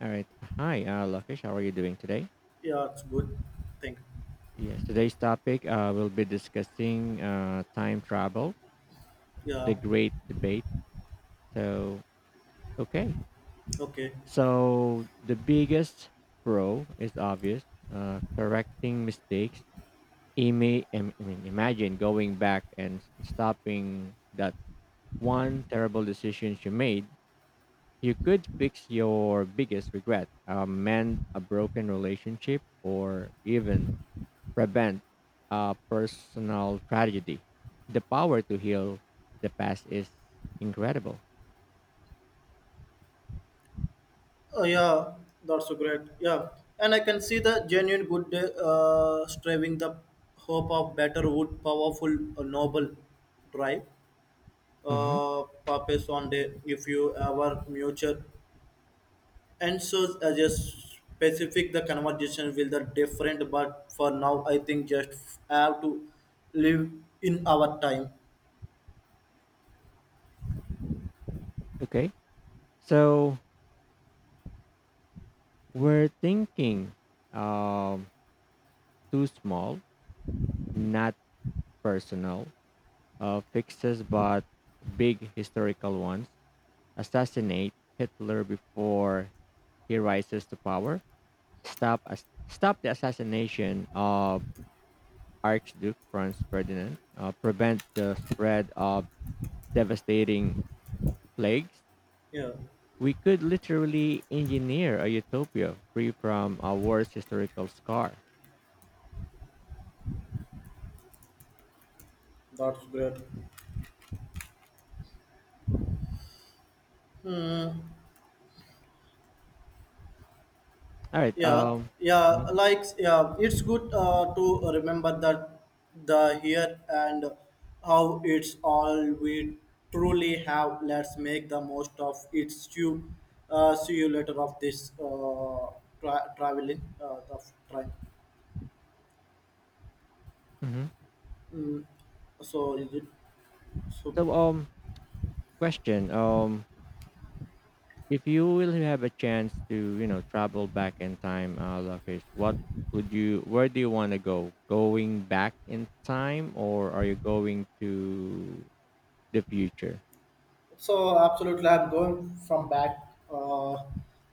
All right. Hi, Lakish. How are you doing today? Yeah, it's good thing. Yes. Today's topic, we'll be discussing time travel, Yeah. the great debate. So, okay. Okay. So, the biggest pro is obvious, correcting mistakes. I mean, imagine going back and stopping that one terrible decision you made. You could fix your biggest regret, amend a broken relationship, or even prevent a personal tragedy. The power to heal the past is incredible. Oh, yeah. That's so great. Yeah. And I can see the genuine good striving the hope of better wood, powerful, noble drive. hmm Purpose on day if you ever muture and so as a specific the conversation will the different but for now I think just have to live in our time. Okay. So we're thinking um, too small, not personal fixes, but big historical ones. Assassinate Hitler before he rises to power. Stop stop the assassination of Archduke Franz Ferdinand. Prevent the spread of devastating plagues. Yeah, We could literally engineer a utopia free from our worst historical scar. that's great. Hmm. All right. yeah yeah Mhm. like yeah it's good to remember that the here and how it's all we truly have. Let's make the most of it. See you see you later of this traveling of train. Mhm. Mm. so is it so So question. If you will have a chance to you know travel back in time, Lakesh, what would you? Where do you want to go? Going back in time, or are you going to the future? So absolutely, I'm going from back, uh,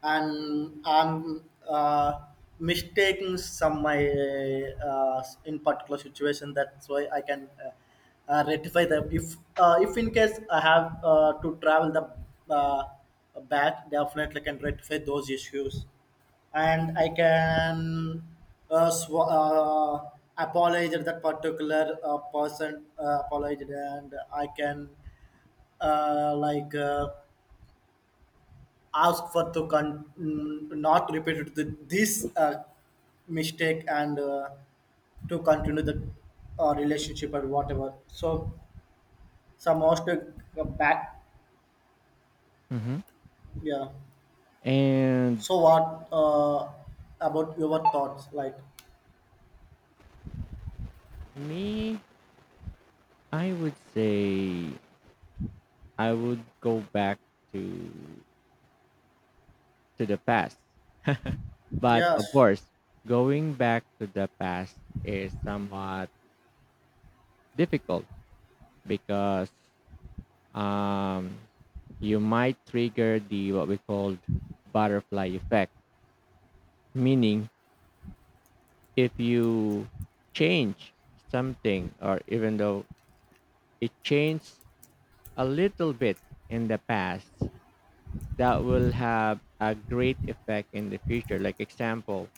and I'm mistaking some my in particular situation. That's why I can rectify them. If in case I have to travel the uh, back, definitely can rectify those issues, and I can uh, sw- uh, apologize at that particular person, apologize, and I can uh, like uh, ask for to not repeat this mistake and to continue the relationship or whatever, so some most back. hmm Yeah, And so what about your thoughts, like, me, I would say I would go back to the past. But of yes, course, going back to the past is somewhat difficult because um you might trigger the what we call butterfly effect, meaning if you change something or even though it changed a little bit in the past, that will have a great effect in the future. Like example,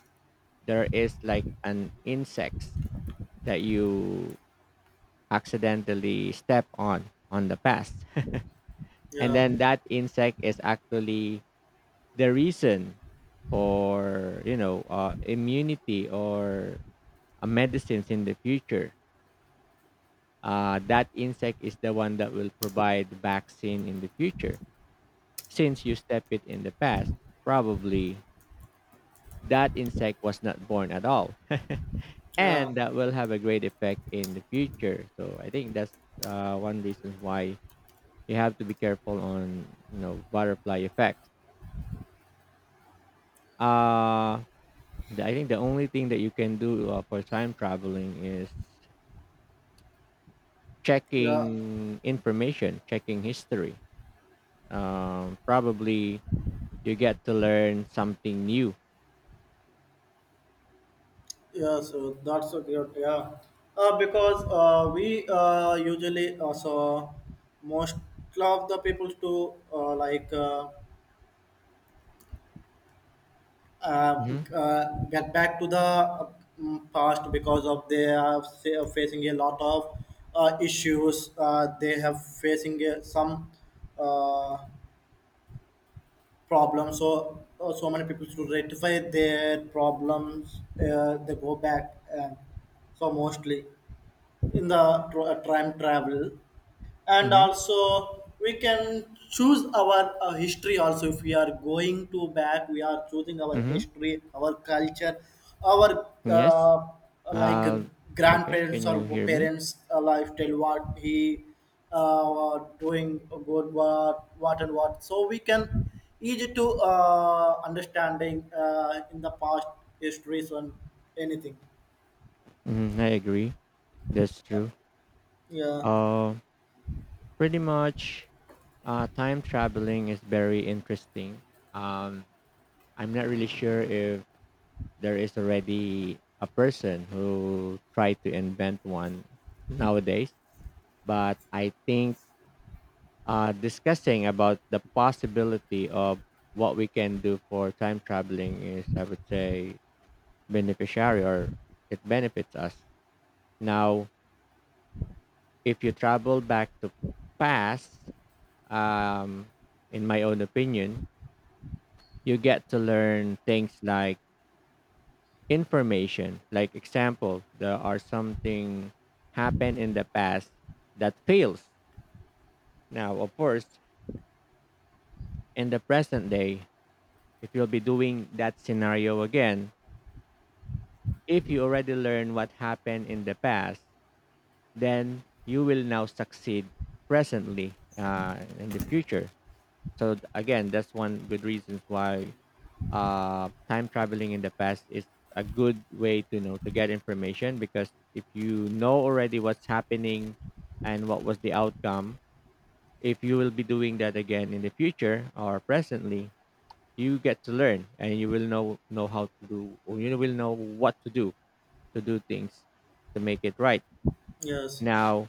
there is like an insects that you accidentally step on the past and yeah, then that insect is actually the reason for you know immunity or medicines in the future. Uh, that insect is the one that will provide vaccine in the future. Since you step it in the past, probably that insect was not born at all yeah, and that will have a great effect in the future. So I think that's one reason why you have to be careful on you know butterfly effects. Uh, I think the only thing that you can do for time traveling is yeah, checking information, checking history. Probably you get to learn something new. yeah, so that's a great, yeah, because we usually also most of the people to uh, Mm-hmm. Get back to the past because of they are facing a lot of issues. They have facing some uh, problems. So so many people to rectify their problems. They go back. So mostly in the time travel, and Mm-hmm. also we can choose our history also. If we are going to back, we are choosing our Mm-hmm. history, our culture, our Yes. Like Uh, Lokesh, grandparents can or you hear me? parents lifestyle, what he doing good, what and what, so we can easy to understanding in the past histories on anything. Mm-hmm, I agree. That's true. Yeah. Um, pretty much time traveling is very interesting. Um, I'm not really sure if there is already a person who tried to invent one nowadays, but I think discussing about the possibility of what we can do for time traveling is, I would say, beneficiary, or it benefits us. Now, if you travel back to past, um, in my own opinion, you get to learn things like information. Like example, there are something happened in the past that fails. Now of course, in the present day, if you'll be doing that scenario again, if you already learn what happened in the past, then you will now succeed presently in the future. So again, that's one good reason why time traveling in the past is a good way to you know to get information, because if you know already what's happening and what was the outcome, if you will be doing that again in the future or presently, you get to learn and you will know how to do, or you will know what to do things to make it right. Yes. Now,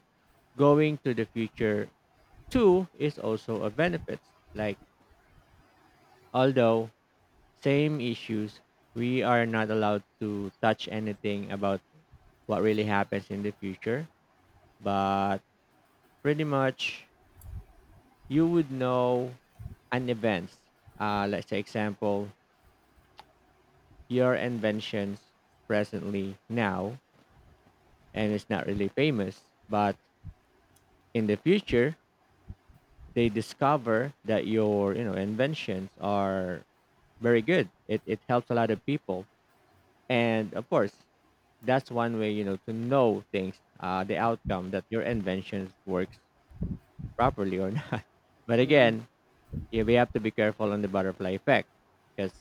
going to the future too is also a benefit. Like, although, same issues. We are not allowed to touch anything about what really happens in the future, but pretty much you would know an event. Let's say example, your inventions presently now and it's not really famous, but in the future they discover that your you know inventions are very good. It helps a lot of people, and of course that's one way you know to know things, the outcome that your invention works properly or not. But Mm. again, yeah, we have to be careful on the butterfly effect because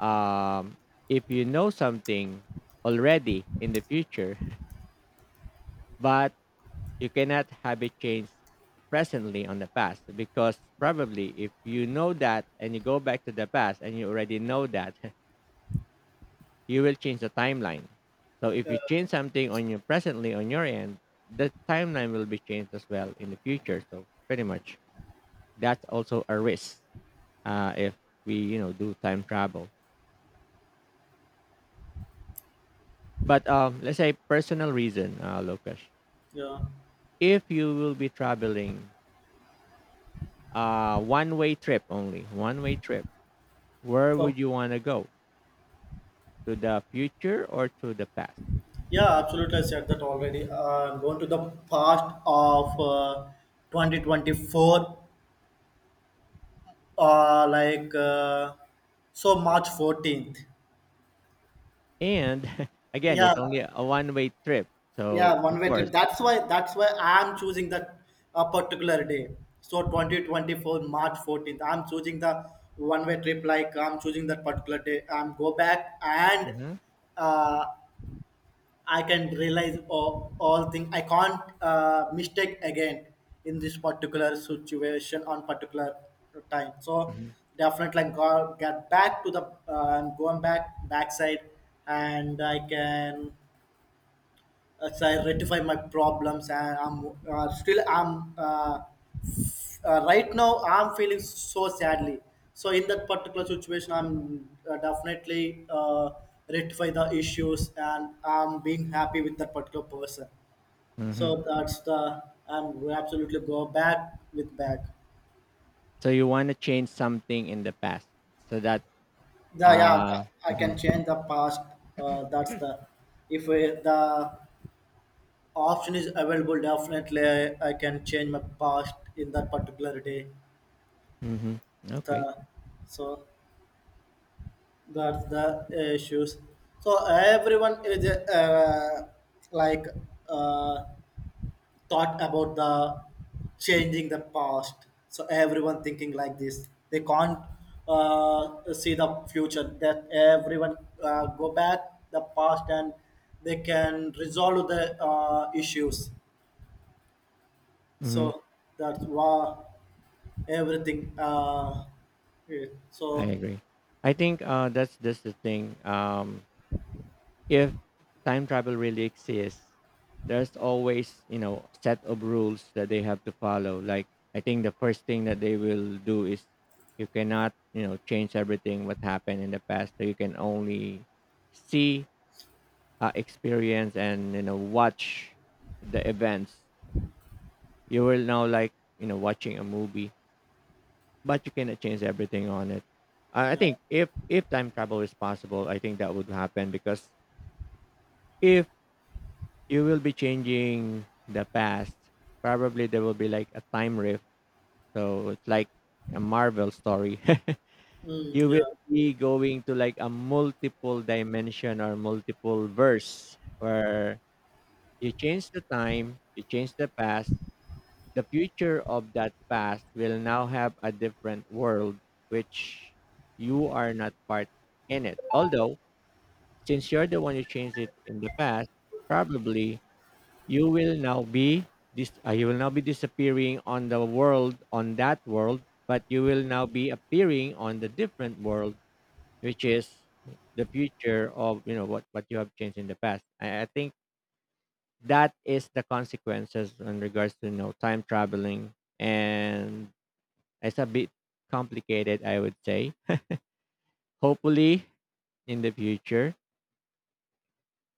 um, if you know something already in the future but you cannot have it changed presently on the past, because probably if you know that and you go back to the past and you already know that, you will change the timeline. So if Yeah, you change something on your presently on your end, the timeline will be changed as well in the future. So pretty much that's also a risk if we you know do time travel. But let's say personal reason, Lokesh. yeah. If you will be traveling one way trip only, one way trip, where would Okay. you want to go? To the future or to the past? Yeah, absolutely. I said that already. I'm going to the past of 2024, uh, like uh, so March 14th. And again, Yeah, it's only a one way trip. So yeah, of one way course. trip. That's why I'm choosing that a particular day. So 2024 March 14th. I'm choosing the one way trip. Like I'm choosing that particular day. I'm go back and Mhm. uh, I can realize all things. I can't mistake again in this particular situation on particular time. So Mhm. definitely I go, get back to the I'm going back backside, and I can say rectify my problems, and I'm still I'm right now I'm feeling so sadly, so in that particular situation I'm definitely uh, rectify the issues, and I'm being happy with that particular person. So Mhm. that's the, I'm absolutely go back with back. So you wanna change something in the past so that The, yeah, uh I can mhm, change the past, that's the, if the option is available, definitely I can change my past in that particular day. mhm, okay, The, so that's the issues. So everyone is like uh, thought about the changing the past, so everyone thinking like this, they can't uh, see the future, that everyone go back the past and they can resolve the issues. mhm, So that's why everything yeah. I So agree. I think that's the thing. If time travel really exists, there's always you know set of rules that they have to follow. Like, I think the first thing that they will do is you cannot you know change everything what happened in the past. So you can only see, experience, and you know watch the events. You will now like you know watching a movie, but you cannot change everything on it. I yeah. think if time travel is possible, I think that would happen because if you will be changing the past, probably there will be like a time rift. So it's like a Marvel story. Mm, You yeah, will be going to like a multiple dimension or multiple verse where you change the time, you change the past. The future of that past will now have a different world, which you are not part in it. Although, since you're the one who changed it in the past, probably you will now be you will now be disappearing on the world on that world, but you will now be appearing on the different world, which is the future of you know what you have changed in the past. I think that is the consequences in regards to you know time traveling, and it's a bit complicated, I would say. Hopefully, in the future,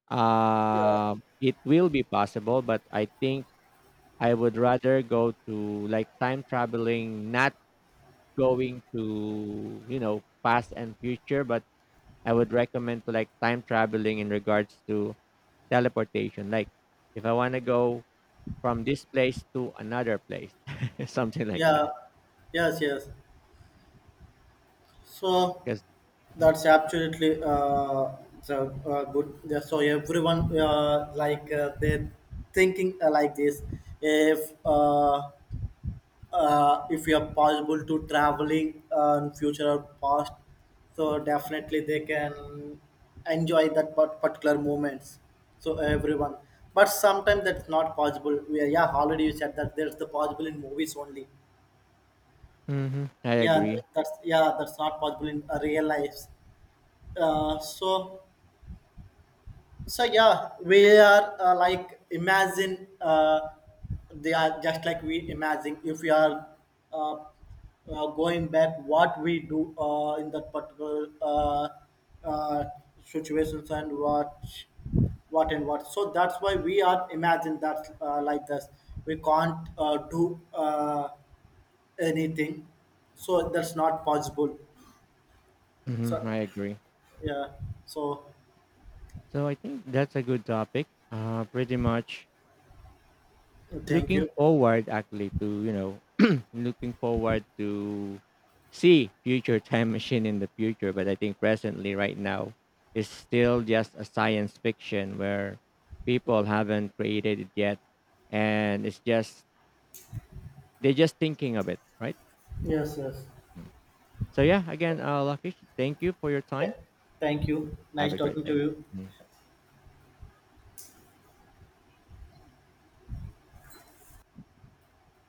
it will be possible. But I think I would rather go to like time traveling, not going to you know past and future, but I would recommend to like time traveling in regards to teleportation. Like, if I want to go from this place to another place, something like yeah, that. yes, yes. So Because that's absolutely the good. Yeah, so everyone they're thinking like this. If uh, if you are possible to traveling in future or past, so definitely they can enjoy that particular moments. So everyone, but sometimes that's not possible. We are, yeah, already you said that there's the possible in movies only. I Yeah, agree. that's, yeah, that's not possible in real life. So, so yeah, we are imagine they are just like, we imagine if we are uh, going back, what we do in that particular uh, situations, and what and what, so that's why we are imagine that like this, we can't do anything, so that's not possible. Mhm, So I agree. yeah. So So I think that's a good topic. Pretty much thank looking you. forward actually to, you know, looking forward to see future time machine in the future. But I think presently right now is still just a science fiction where people haven't created it yet. And it's just, they're just thinking of it, right? Yes, yes. Mm. So yeah, again, Lakish, thank you for your Th- time. Thank you. Have Nice a great talking to day. you. Mm.